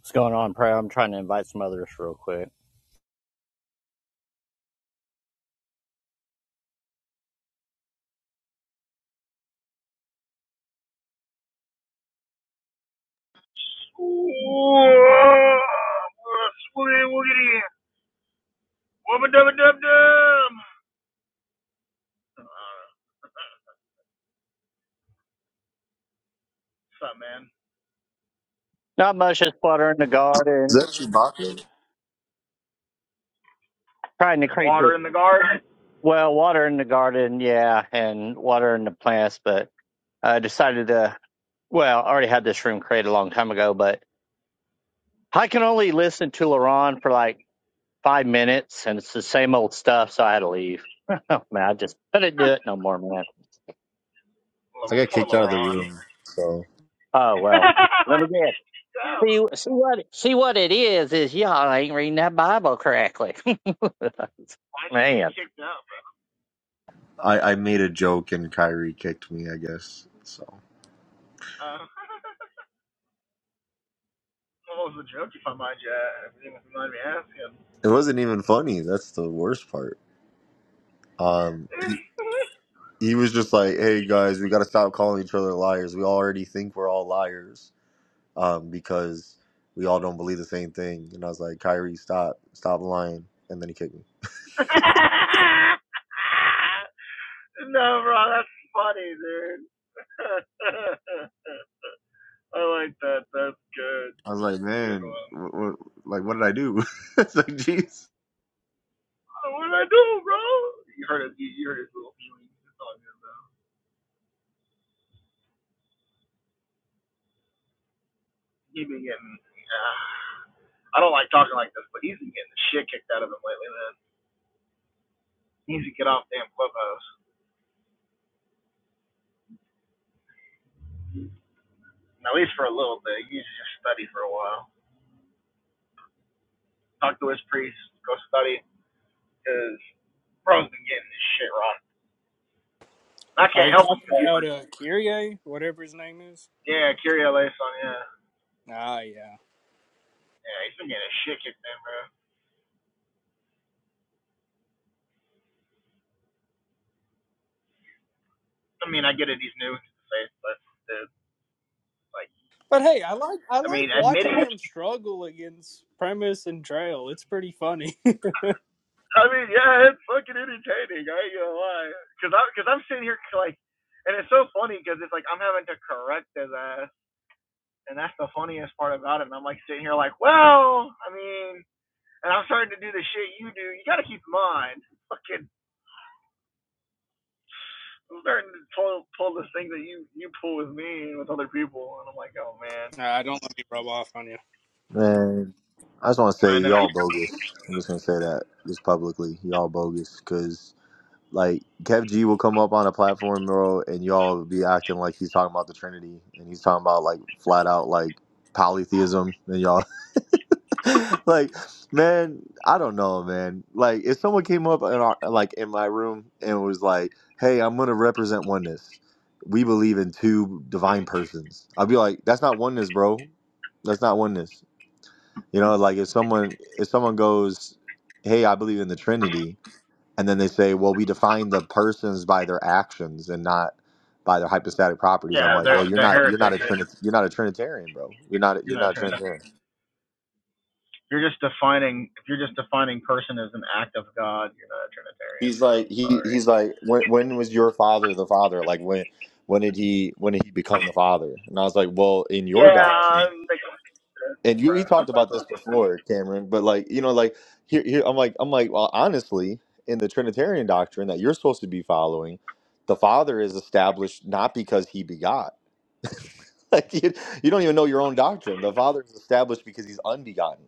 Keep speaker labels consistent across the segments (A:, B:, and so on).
A: What's going on, Prayer? I'm trying to invite some others real quick.
B: Swoogity woogity. Wubba dubba dub dub. Uh, What's up, man?
A: Not much, just watering the
C: Is
A: garden,
C: that Chewbacca?
A: trying to
B: Just
A: create this.
B: water in the garden?
A: Well, watering the garden, yeah, and watering the plants, but I decided to, well, I already had this room created a long time ago, but I can only listen to LaRon for like five minutes, and it's the same old stuff, so I had to leave. Oh, man, I just couldn't do it no more, man.
C: I
B: Little-
C: got
B: Poor
C: kicked out of the
B: LaRon.
C: room, so
A: Oh, well, let
B: Why'd
A: me guess. See, see what see what it is is y'all ain't reading that Bible correctly,
B: you get
A: man.
B: kicked out,
C: I, I made a joke and Kyrie kicked me. I guess so.
B: Uh, what was the joke if I might you? uh, If you don't mind me asking.
C: It wasn't even funny. That's the worst part. Um, he was just like, "Hey guys, we got to stop calling each other liars. We already think we're all liars um, because we all don't believe the same thing." And I was like, "Kyrie, stop, stop lying." And then he kicked me.
B: no, bro, that's funny, dude. I like that. That's good.
C: I was like,
B: Good
C: "Man,
B: one.
C: what, what, like, what did I do?" it's like, "Jeez."
B: Oh, what did I do, bro? You heard his, You, heard his little feelings. It's all good, bro. He been getting. Uh, I don't like talking like this, but he's been getting the shit kicked out of him lately, man. He needs to get off damn clubhouse. And at least for a little bit. He needs to just study for a while. Talk to his priest. Go study. Cause bro's been getting this shit wrong. And I
D: Are
B: can't
D: you
B: help him.
D: talking
B: Cause he's
D: about
B: like,
D: uh Kyrie, whatever his name is?
B: yeah, Kyrie Eleison, yeah,
D: Ah, yeah.
B: yeah. He's been getting his shit kicked in, bro. I mean, I get it. He's new to the faith, but dude, like,
D: But hey, I like I
B: I
D: like
B: mean,
D: watching
B: admitting.
D: him struggle against Premise and Trail. It's pretty funny.
B: I mean, yeah, it's fucking entertaining. I ain't gonna lie, cause I, cause I'm sitting here like, and it's so funny because it's like I'm having to correct his ass, and that's the funniest part about it. And I'm like sitting here like, well, I mean, and I'm starting to do the shit you do. You gotta keep in mind, fucking, I'm starting to pull pull this thing that you you pull with me and with other people, and I'm like, oh man,
D: nah, don't let me rub off on you.
C: Man, I just want to say
B: I know.
C: y'all bogus. I'm just gonna say that just publicly, y'all bogus. Cause like Kev G will come up on a platform, bro, and y'all will be acting like he's talking about the Trinity, and he's talking about like flat out like polytheism, and y'all like, man, I don't know, man. Like if someone came up in our like in my room and was like, "Hey, I'm gonna represent oneness. We believe in two divine persons," I'd be like, "That's not oneness, bro. That's not oneness." You know, like if someone if someone goes, "Hey, I believe in the Trinity," and then they say, "Well, we define the persons by their actions and not by their hypostatic properties," I'm
B: Yeah,
C: like,
B: they're
C: "Well, you're
B: they're
C: not you're not a
B: heretics.
C: Trinit you're not a Trinitarian, bro. You're not
B: You're
C: you're
B: not a
C: not a
B: Trinitarian.
C: Trinitarian."
B: You're just defining if you're just defining person as an act of God, you're not a Trinitarian,
C: He's like
B: bro. I'm
C: he
B: sorry.
C: he's like when when was your father the father? Like when when did he when did he become the father? And I was like, "Well, in your
B: Yeah,
C: doctrine."
B: I'm thinking,
C: and you
B: bro.
C: we talked about this before, Cameron, but like, you know, like here here I'm like I'm like, well, honestly, in the Trinitarian doctrine that you're supposed to be following, the Father is established not because he begot. Like you, you don't even know your own doctrine. The Father is established because he's unbegotten,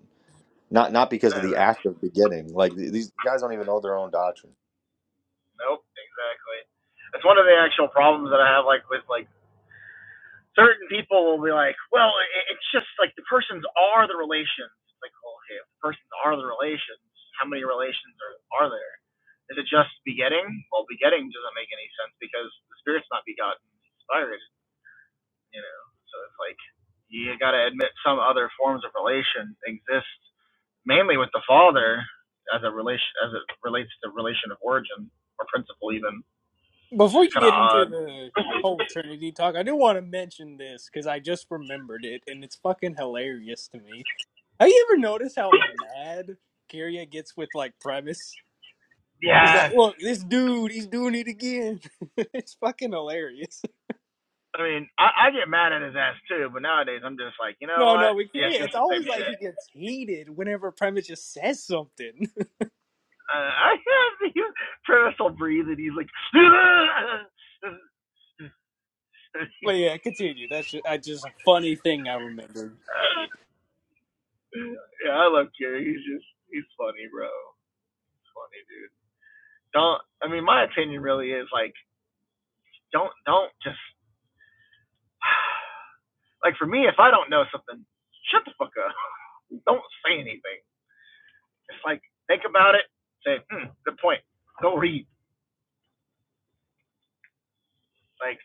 C: not not because of the act of begetting. Like th- these guys don't even know their own doctrine.
B: nope, exactly. That's one of the actual problems that I have, like with like certain people will be like, well, it, it's just like the persons are the relations. It's like, well, okay, if the persons are the relations, how many relations are are there? Is it just begetting? Well, begetting doesn't make any sense because the spirit's not begotten, it's inspired, you know. So it's like you gotta admit some other forms of relation exist mainly with the father as a relation as it relates to relation of origin or principle even.
D: Before
B: It's
D: you
B: kind of
D: get into
B: odd.
D: the whole Trinity talk, I do want to mention this because I just remembered it, and it's fucking hilarious to me. Have you ever noticed how mad Kyrie gets with like Premise? He's like,
B: Yes.
D: "Look, this dude, he's doing it again." it's fucking hilarious.
B: I mean, I, I get mad at his ass too, but nowadays I'm just like, you know
D: No, no,
B: what?
D: we hear
B: Yeah,
D: you.
B: it's just
D: it's
B: the same
D: always like he
B: shit.
D: gets heated whenever Premise just says something.
B: Uh, I have the Travis will breathe and he's like,
D: But yeah, continue. That's just, I just a funny thing I remembered.
B: yeah, I love Gary. He's just he's funny, bro. He's funny, dude. Don't. I mean, my opinion really is like, don't don't just Like for me, if I don't know something, shut the fuck up. Don't say anything. Just like think about it. Say, hmm, good point. Go read. Like,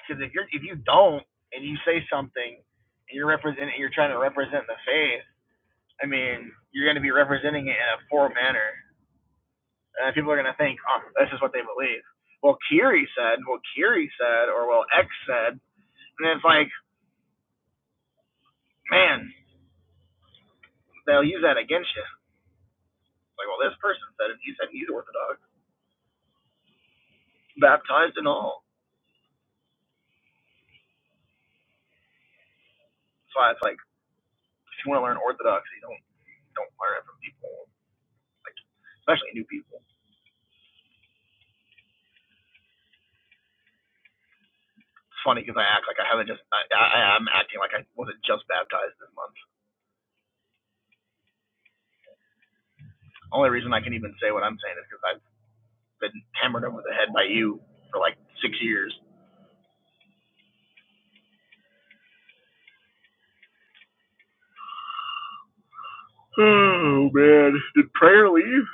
B: because if you're if you don't and you say something and you're representing, you're trying to represent the faith. I mean, you're going to be representing it in a poor manner, and people are going to think, oh, this is what they believe. Well, Kiri said, well, Kiri said, or well, X said, and it's like, man, they'll use that against you. It's like, well, this person said it. He said he's Orthodox, baptized and all. So it's like if you want to learn orthodoxy, don't don't learn it from people, like especially new people. It's funny because I act like I haven't just I, I I'm acting like I wasn't just baptized this month. Only reason I can even say what I'm saying is because I've been hammered over the head by you for like six years. Oh man, did prayer leave?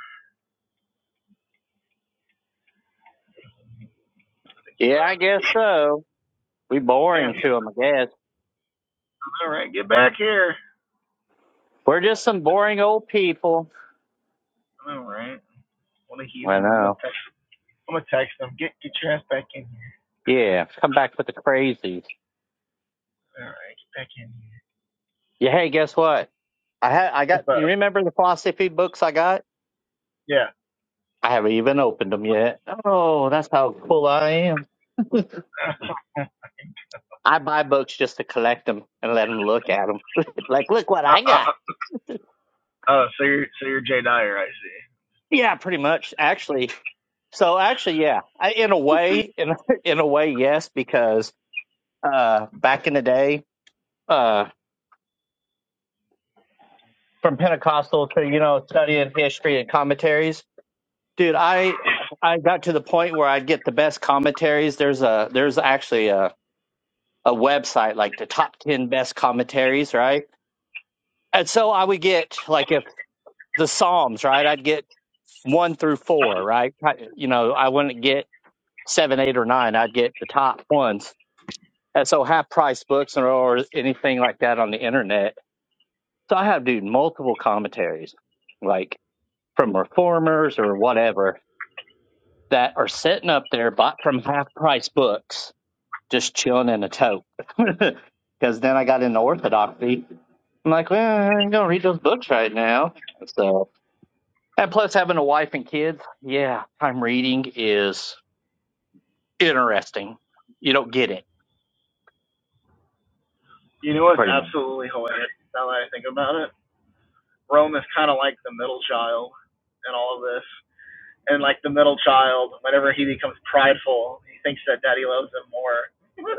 B: I think he
A: Yeah, I
B: left.
A: guess so. We
B: Man,
A: boring to them, I guess.
B: all right, get back here.
A: We're just some boring old people.
B: All right, what a
A: I
B: heathen. I'm gonna
A: know.
B: text. I'm gonna text him. Get get your ass back in here.
A: Yeah, come back with the crazies.
B: All right, get back in here.
A: Yeah, hey, guess what? I had I got
B: What's up?
A: you remember the philosophy books I got? I haven't even opened them yet. Oh, that's how cool I am.
B: Yeah.
A: I buy books just to collect them and let them look at them. like, look what
B: uh,
A: I
B: uh,
A: got.
B: Oh, so you're so you're Jay Dyer, I see.
A: Yeah, pretty much. Actually, so actually, yeah. I, in a way, in in a way, yes, because uh, back in the day. uh, from Pentecostal to you know studying history and commentaries. Dude, I I got to the point where I'd get the best commentaries. There's a there's actually a a website like the top ten best commentaries, right? And so I would get like if the Psalms, right? I'd get one through four, right? I, you know, I wouldn't get seven, eight, or nine. I'd get the top ones. And so half price books or, or anything like that on the internet. So I have dude multiple commentaries, like from reformers or whatever that are sitting up there bought from half price books, just chilling in a tote. Because then I got into orthodoxy. I'm like, well, I ain't gonna read those books right now. So, and plus having a wife and kids, yeah, time reading is interesting. You don't get it
B: You know what's
A: pretty much.
B: absolutely hilarious now that I think about it? Rome is kinda like the middle child in all of this. And like the middle child, whenever he becomes prideful, he thinks that daddy loves him more.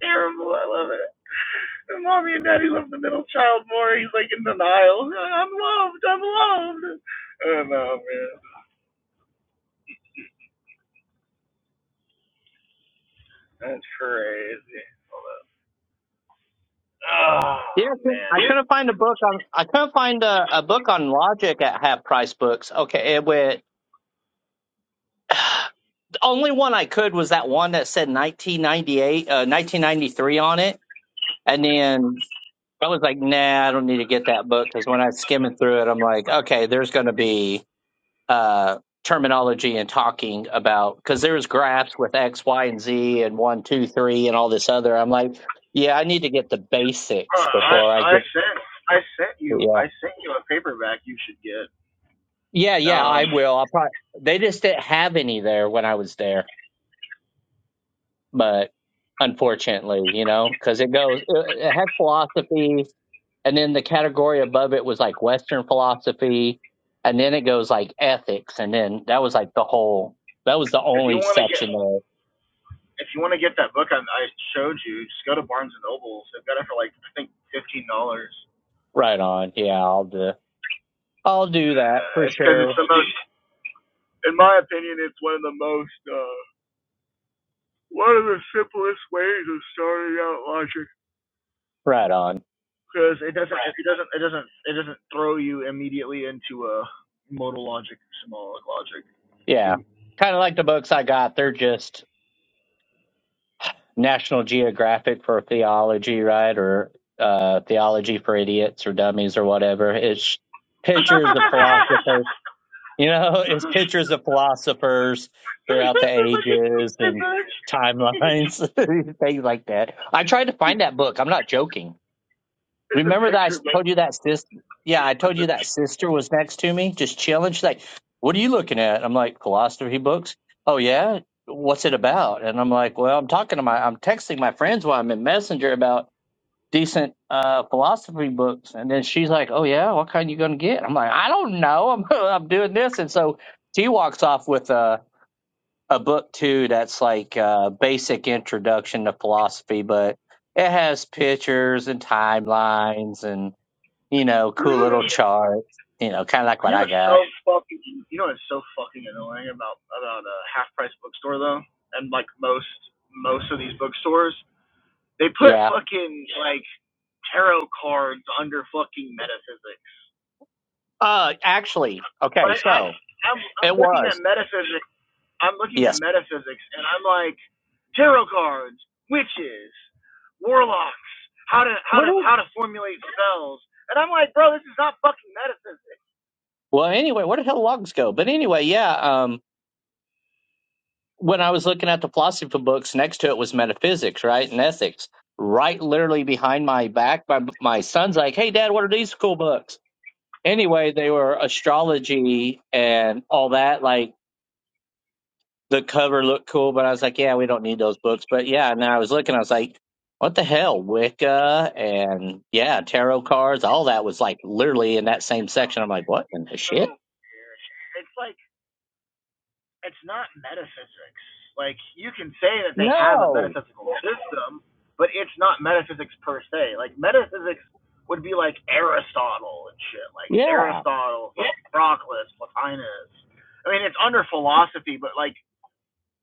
B: Terrible, I love it. And mommy and daddy love the middle child more. He's like in denial. I'm loved, I'm loved. Oh no, man. That's crazy. Oh
A: Yeah, I couldn't
B: man.
A: I
B: you,
A: couldn't find a book on. I couldn't find a, a book on logic at half price books. Okay, it went. The only one I could was that one that said 1998, uh, 1993 on it, and then I was like, nah, I don't need to get that book because when I was skimming through it, I'm like, okay, there's going to be uh, terminology and talking about because there's graphs with X, Y, and Z and one, two, three, and all this other. I'm like, yeah, I need to get the
B: Uh,
A: basics
B: I
A: before I
B: I
A: get.
B: sent I sent you
A: Yeah,
B: I sent you a paperback you should get.
A: yeah, yeah. I
B: Um,
A: will. I'll probably. They just didn't have any there when I was there, but unfortunately, you know, because it goes it it had philosophy and then the category above it was like Western philosophy, and then it goes like ethics, and then that was like the whole. That was the
B: if you
A: only
B: want to get
A: section there.
B: if you want to get that book I, I showed you, just go to Barnes and Noble. They've got it for like I think fifteen dollars.
A: Right on. Yeah, I'll do. I'll do that for
B: Uh, it's because it's
A: sure.
B: the most, in my opinion, it's one of the most uh, one of the simplest ways of starting out logic
A: Right on.
B: because it doesn't it doesn't it doesn't it doesn't throw you immediately into a modal logic symbolic logic.
A: Yeah, kind of like the books I got. They're just National Geographic for theology, right? Or uh, theology for idiots or dummies or whatever. It's pictures of philosophers You know, it's pictures of philosophers throughout the
B: this is like a
A: ages and
B: privilege.
A: timelines, things like that. I tried to find that book. I'm not joking.
B: It's a
A: Remember that I
B: picture, but
A: told you that sis? Yeah, I
B: like
A: told
B: the,
A: you that sister was next to me, just chilling. She's like, "What are you looking at?" I'm like, "Philosophy books." Oh yeah, what's it about? And I'm like, "Well, I'm talking to my, I'm texting my friends while I'm in Messenger about." decent uh philosophy books and then she's like oh yeah what kind you gonna get i'm like i don't know i'm i'm doing this and so she walks off with a a book too that's like a basic introduction to philosophy but it has pictures and timelines and you know cool little charts you know kind of like what
B: you know,
A: i
B: so
A: got
B: fucking. You know, it's so fucking annoying about about a half price bookstore though, and like most most of these bookstores, they put
A: yeah
B: fucking like tarot cards under fucking metaphysics.
A: uh actually okay
B: Like I,
A: so
B: I'm I'm
A: it
B: looking at
A: was
B: metaphysics I'm looking at
A: yes
B: metaphysics and I'm like tarot cards, witches, warlocks, how to how
A: where
B: to
A: did
B: how to formulate spells, and I'm like, bro, this is not fucking metaphysics.
A: well anyway where did hell logs go but anyway yeah Um. when I was looking at the philosophy books, next to it was metaphysics, right, and ethics. Right, literally behind my back, my my son's like, "Hey, Dad, what are these cool books?" Anyway, they were astrology and all that. Like the cover looked cool, but I was like, "Yeah, we don't need those books." But yeah, and I was looking, I was like, "What the hell, Wicca and yeah, tarot cards, all that was like literally in that same section." I'm like, "What in the
B: So
A: shit?"
B: it's like it's not metaphysics. Like you can say that they have a
A: No,
B: metaphysical system, but it's not metaphysics per se. Like metaphysics would be like Aristotle and shit, like
A: yeah,
B: Aristotle, Proclus, Plotinus. I mean, it's under philosophy, but like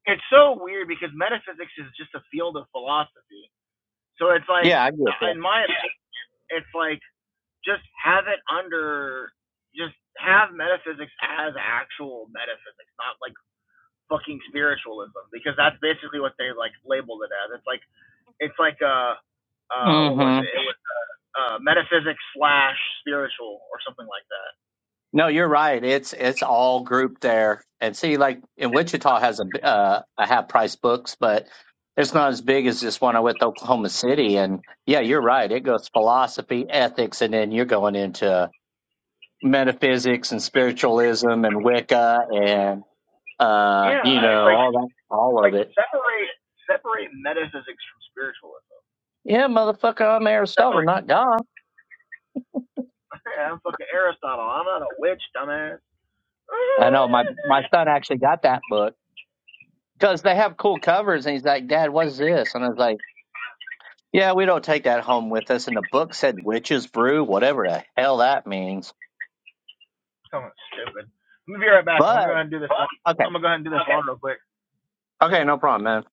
B: it's so weird because metaphysics is just a field of philosophy. So it's like,
A: yeah, I get
B: uh, in my, opinion, it's like just have it under, just have metaphysics as actual metaphysics, not like fucking spiritualism, because that's basically what they like labeled it as. It's like it's like a, uh what
A: that.
B: was it? It was uh metaphysics slash spiritual or something like that.
A: No, you're right. It's it's all grouped there. And see, like in Wichita has a b- uh, a half price books, but it's not as big as this one I with Oklahoma City. And yeah, you're right. It goes philosophy, ethics, and then you're going into metaphysics and spiritualism and Wicca and uh,
B: Yeah,
A: you
B: it's
A: know
B: like
A: all
B: it's
A: that, all of
B: like
A: it.
B: separate separate metaphysics from spiritualism.
A: Yeah, motherfucker, I'm
B: Separate
A: Aristotle, not God.
B: I'm fucking Aristotle. I'm not a witch, dumbass.
A: I know my my son actually got that book because they have cool covers, and he's like, Dad, what's this? And I was like. Yeah, we don't take that home with us. And the book said witch's brew, whatever the hell that means.
B: Someone stupid. I'm gonna be right back. I'm gonna
A: But
B: go ahead and do this. one.
A: okay,
B: I'm gonna go ahead and do this Okay. one real quick.
A: okay, no problem, man.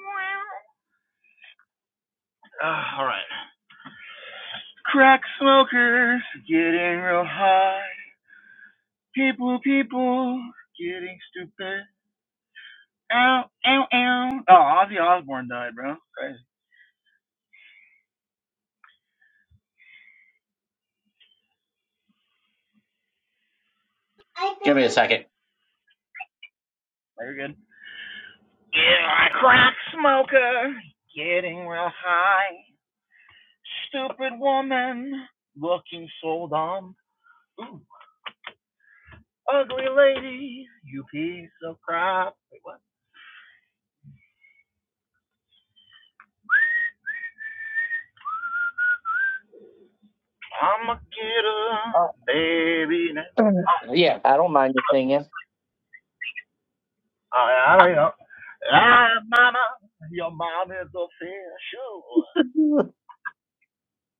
B: Uh, all right. Crack smokers getting real high. People, people getting stupid. Ow, ow, ow. Oh, Ozzy Osbourne died, bro. Crazy.
A: Give me a second.
B: Oh, you're good. Yeah, crack smoker getting real high. Stupid woman looking so dumb. Ooh, Ugly lady, you piece of crap. Wait, what? I'ma get her,
A: Oh,
B: baby. now.
A: yeah, I don't mind you singing.
B: I, I, I, ah, mama, your mom is official.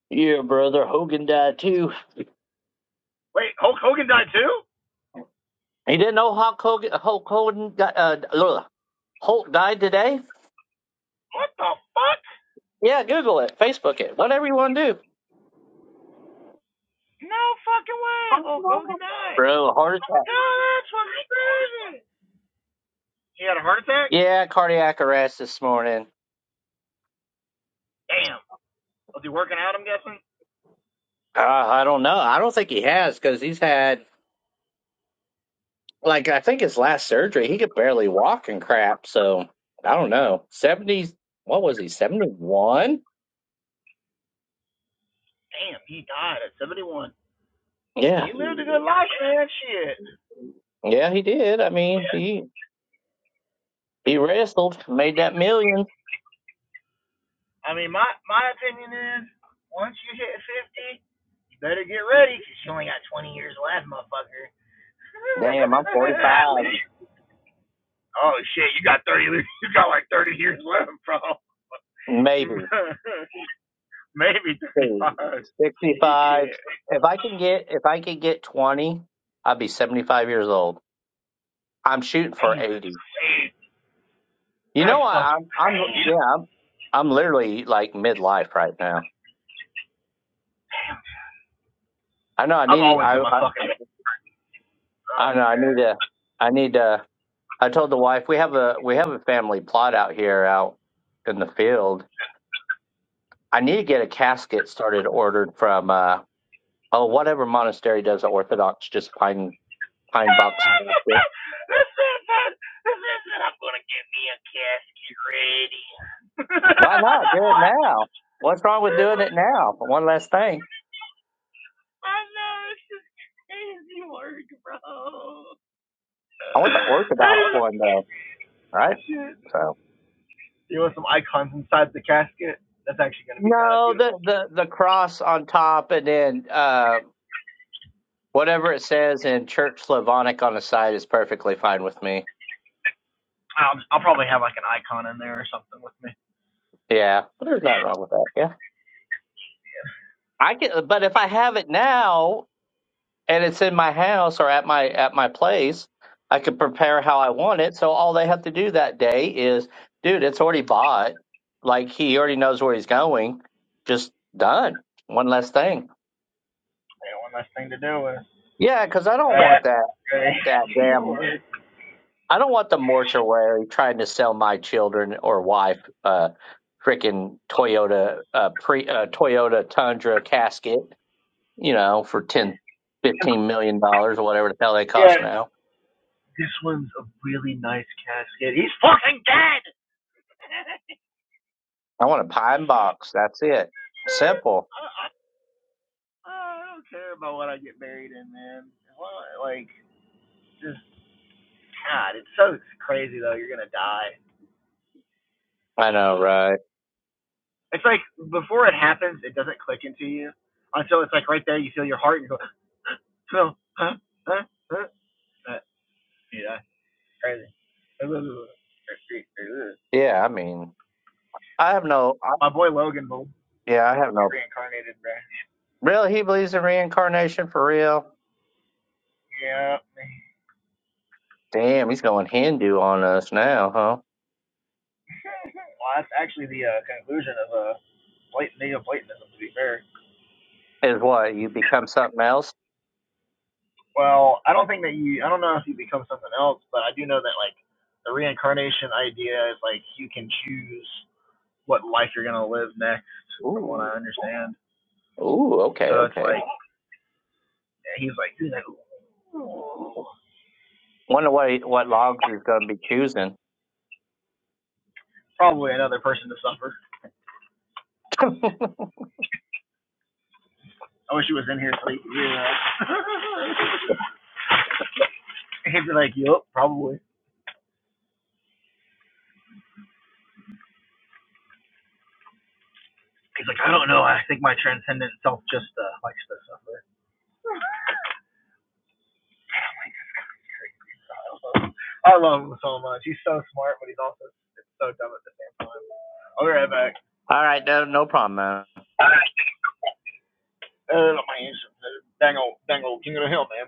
A: Yeah, brother Hogan died too.
B: Wait, Hulk Hogan died too?
A: You didn't know Hulk Hogan, Hulk Hogan got, uh, ugh, Hulk died today?
B: What the fuck?
A: Yeah, Google it, Facebook it, whatever you want to do.
B: No fucking way, Hulk Hogan died.
A: Bro, heart attack.
B: No, that's fucking crazy. He had a heart attack?
A: Yeah, cardiac arrest this morning.
B: Damn. Was he working out, I'm guessing?
A: Uh, I don't know. I don't think he has because he's had Like I think his last surgery, he could barely walk and crap. So I don't know. Seventy, what was he? Seventy one?
B: Damn, he died at 71. And
A: Yeah,
B: he lived a good life, man. Shit.
A: yeah, he did. I mean, he he wrestled, made that million.
B: I mean, my, my opinion is, once you hit 50, You better get ready, cause you only got 20 years left, motherfucker.
A: Damn, I'm forty
B: At
A: five,
B: least. Oh shit, you got thirty. You got like thirty years left, bro.
A: maybe
B: Maybe thirty-five.
A: sixty five.
B: Yeah.
A: If I can get if I could get twenty, I'd be seventy five years old. I'm shooting for
B: Damn, that's
A: eighty.
B: crazy.
A: You
B: That's
A: know, I,
B: fucking
A: I'm I'm
B: crazy.
A: yeah, I'm I'm literally like midlife right now. I know I
B: I'm
A: need
B: always
A: I
B: in my
A: I,
B: fucking. I
A: I know
B: don't
A: I need
B: care.
A: to I need to. I told the wife we have a we have a family plot out here out in the field. I need to get a casket started ordered from uh oh whatever monastery does the Orthodox just pine pine box casket.
B: this is it. This is it. I'm gonna get me a casket ready.
A: Why not do it
B: What?
A: now? What's wrong with doing it now? one last thing,
B: I know it's just crazy work, bro.
A: I want the
B: That
A: Orthodox
B: is
A: one though, right?
B: shit.
A: So
B: You want some icons inside the casket? That's actually going to be kind of
A: no,
B: beautiful.
A: the the the cross on top and then uh whatever it says in Church Slavonic on the side is perfectly fine with me.
B: I'll I'll probably have like an icon in there or something with me.
A: Yeah, there's nothing wrong with that. Yeah. I can, but if I have it now and it's in my house or at my at my place, I could prepare how I want it. So all they have to do that day is, dude, it's already bought. Like he already knows where he's going. Just done. One less thing.
B: Yeah, one last thing to do with.
A: Yeah, because I don't
B: Uh,
A: want that
B: okay.
A: that damn. I don't want the mortuary trying to sell my children or wife uh freaking Toyota uh pre uh, Toyota Tundra casket. you know, for ten, fifteen million dollars or whatever the hell they cost
B: Yeah,
A: now.
B: this one's a really nice casket. He's fucking dead!
A: I want a pine box. That's it. Simple.
B: I, I, I don't care about what I get buried in, man. Well, like, just, God, it's so crazy, though. You're going to die.
A: I know, right?
B: It's like, before it happens, it doesn't click into you. Until it's like right there, you feel your heart and you go, Phil, huh? Huh? Huh? Uh, see, that's crazy.
A: Yeah, I mean, I have no, I,
B: My boy Logan Bull
A: yeah, I have no.
B: reincarnated, bro.
A: Really? He believes in reincarnation for real?
B: Yeah. Well,
A: Damn, he's going Hindu on us now, huh?
B: that's actually the uh, conclusion of a uh, blatant neo Platonism, to be fair.
A: Is what? You become something else?
B: Well, I don't think that you, I don't know if you become something else, but I do know that, like, the reincarnation idea is, like, you can choose what life you're going to live next, from what
A: Ooh,
B: I understand.
A: ooh, okay,
B: So it's
A: okay.
B: like, he's like,
A: Wonder what, he- what logs is going to be choosing.
B: probably another person to suffer.
A: All
B: I wish he was in here so he could hear that. He'd be like, yup, probably. He's like, I don't know. I think my transcendent self just uh, likes to suffer. I love him so much. He's so smart, but he's also so dumb at the same time. I'll be right back.
A: right, no, no problem, man.
B: All right, Uh, my hands, dangle, dangle, king of the hill, man.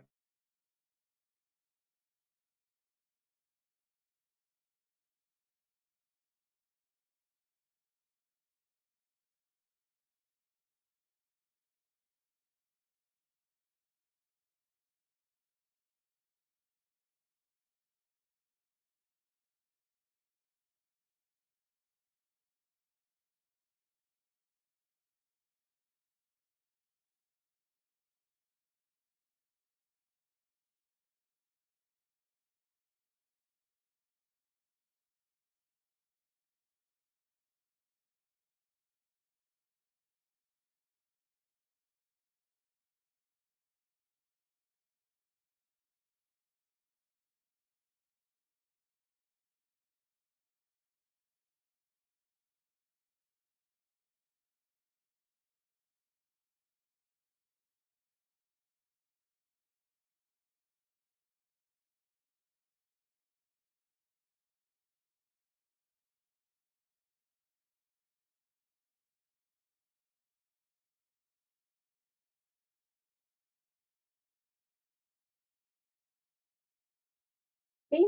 A: Thank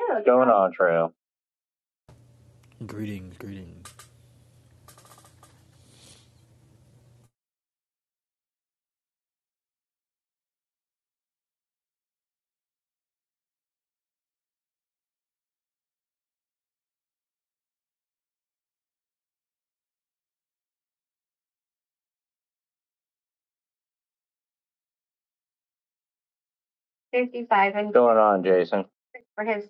A: you. Going on, Trail.
E: Greetings, greetings.
A: 55 and Going on, Jason. for his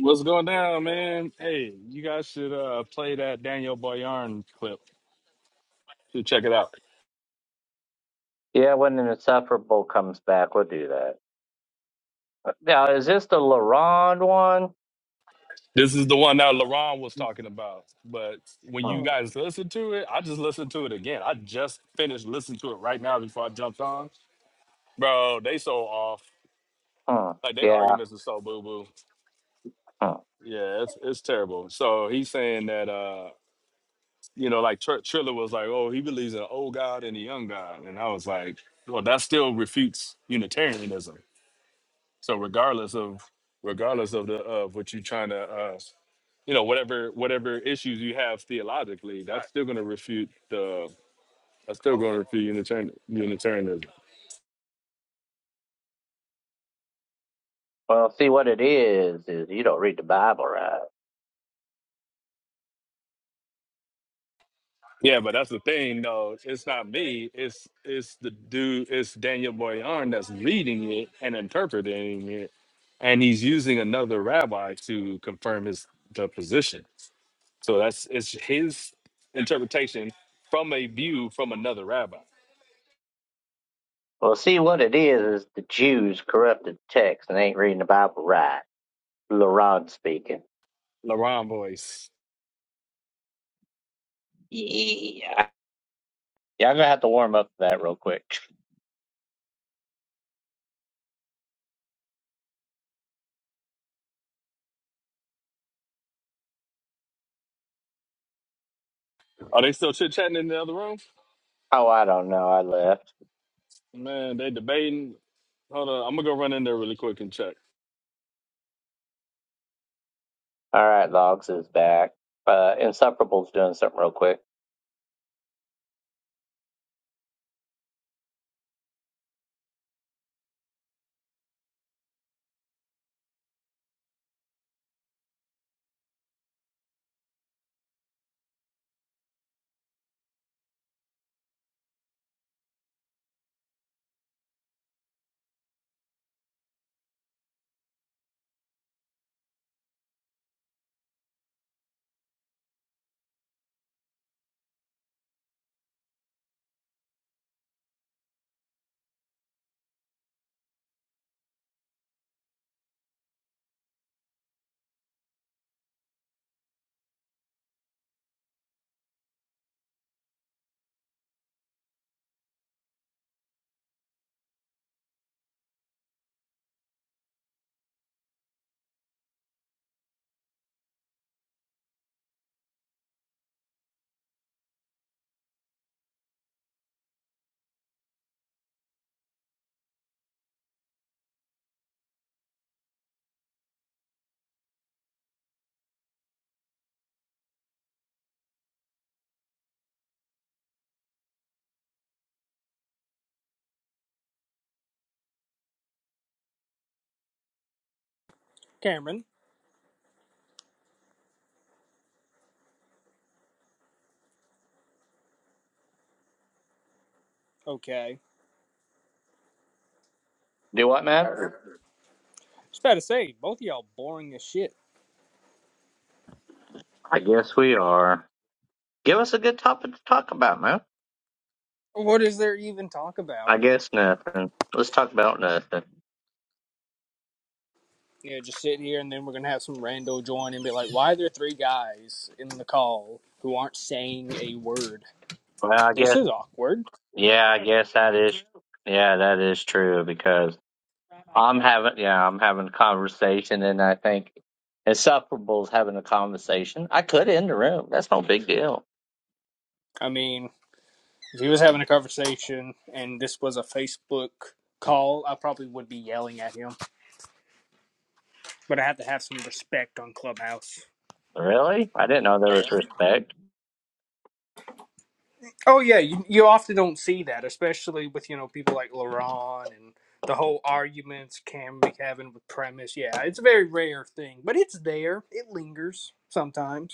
F: What's going down, man? Hey, you guys should uh play that Daniel Boyarn clip. Should check it out.
A: Yeah, when an Insufferable comes back, we'll do that. Now, is this the LaRond one?
F: This is the one that LaRon was talking about. But when
A: Hmm.
F: you guys listen to it, I just listened to it again. I just finished listening to it right now before I jumped on. Bro, they so off.
A: Hmm.
F: Like they
A: Yeah.
F: arguments are so boo boo.
A: Hmm.
F: Yeah, it's it's terrible. So he's saying that uh, you know, like Tr- Triller was like, oh, he believes in an old God and a young God, and I was like, well, that still refutes Unitarianism. So regardless of regardless of the of what you're trying to uh, you know whatever whatever issues you have theologically, that's still going to refute the that's still going to refute Unitarian, Unitarianism.
A: Well, see what it is is you don't read the Bible right.
F: Yeah, but that's the thing though. It's not me. It's it's the dude. It's Daniel Boyan that's reading it and interpreting it, and he's using another rabbi to confirm his the position. So that's it's his interpretation from a view from another rabbi.
A: Well, see what it is is the Jews corrupted the text and ain't reading the Bible right. LaRond speaking.
F: Laron voice.
A: Yeah. Yeah, I'm gonna have to warm up to that real quick.
F: Are they still chit chatting in the other room?
A: Oh, I don't know. I left.
F: Man, they debating. Hold on, I'm gonna go run in there really quick and check.
A: All right, Logs is back. Uh, Inseparable's doing something real quick.
D: Cameron, okay.
A: Do what, Matt? Sure.
D: Just about to say, both of y'all boring as shit.
A: I guess we are. Give us a good topic to talk about, man.
D: What is there even talk about?
A: I guess nothing. Let's talk about nothing.
D: Yeah, just sit here and then we're gonna have some rando join and be like, why are there three guys in the call who aren't saying a word?
A: Well, I
D: This
A: guess,
D: is awkward.
A: yeah, I guess that is, yeah, that is true because I'm having, yeah, I'm having a conversation and I think Insufferable's having a conversation. I could end the room. That's no big deal.
D: I mean, if he was having a conversation and this was a Facebook call, I probably would be yelling at him. but I have to have some respect on Clubhouse.
A: Really? I didn't know there was respect.
D: Oh yeah, you, you often don't see that, especially with you know people like LaRon and the whole arguments Cam be having with Premise. Yeah, it's a very rare thing, but it's there. It lingers sometimes.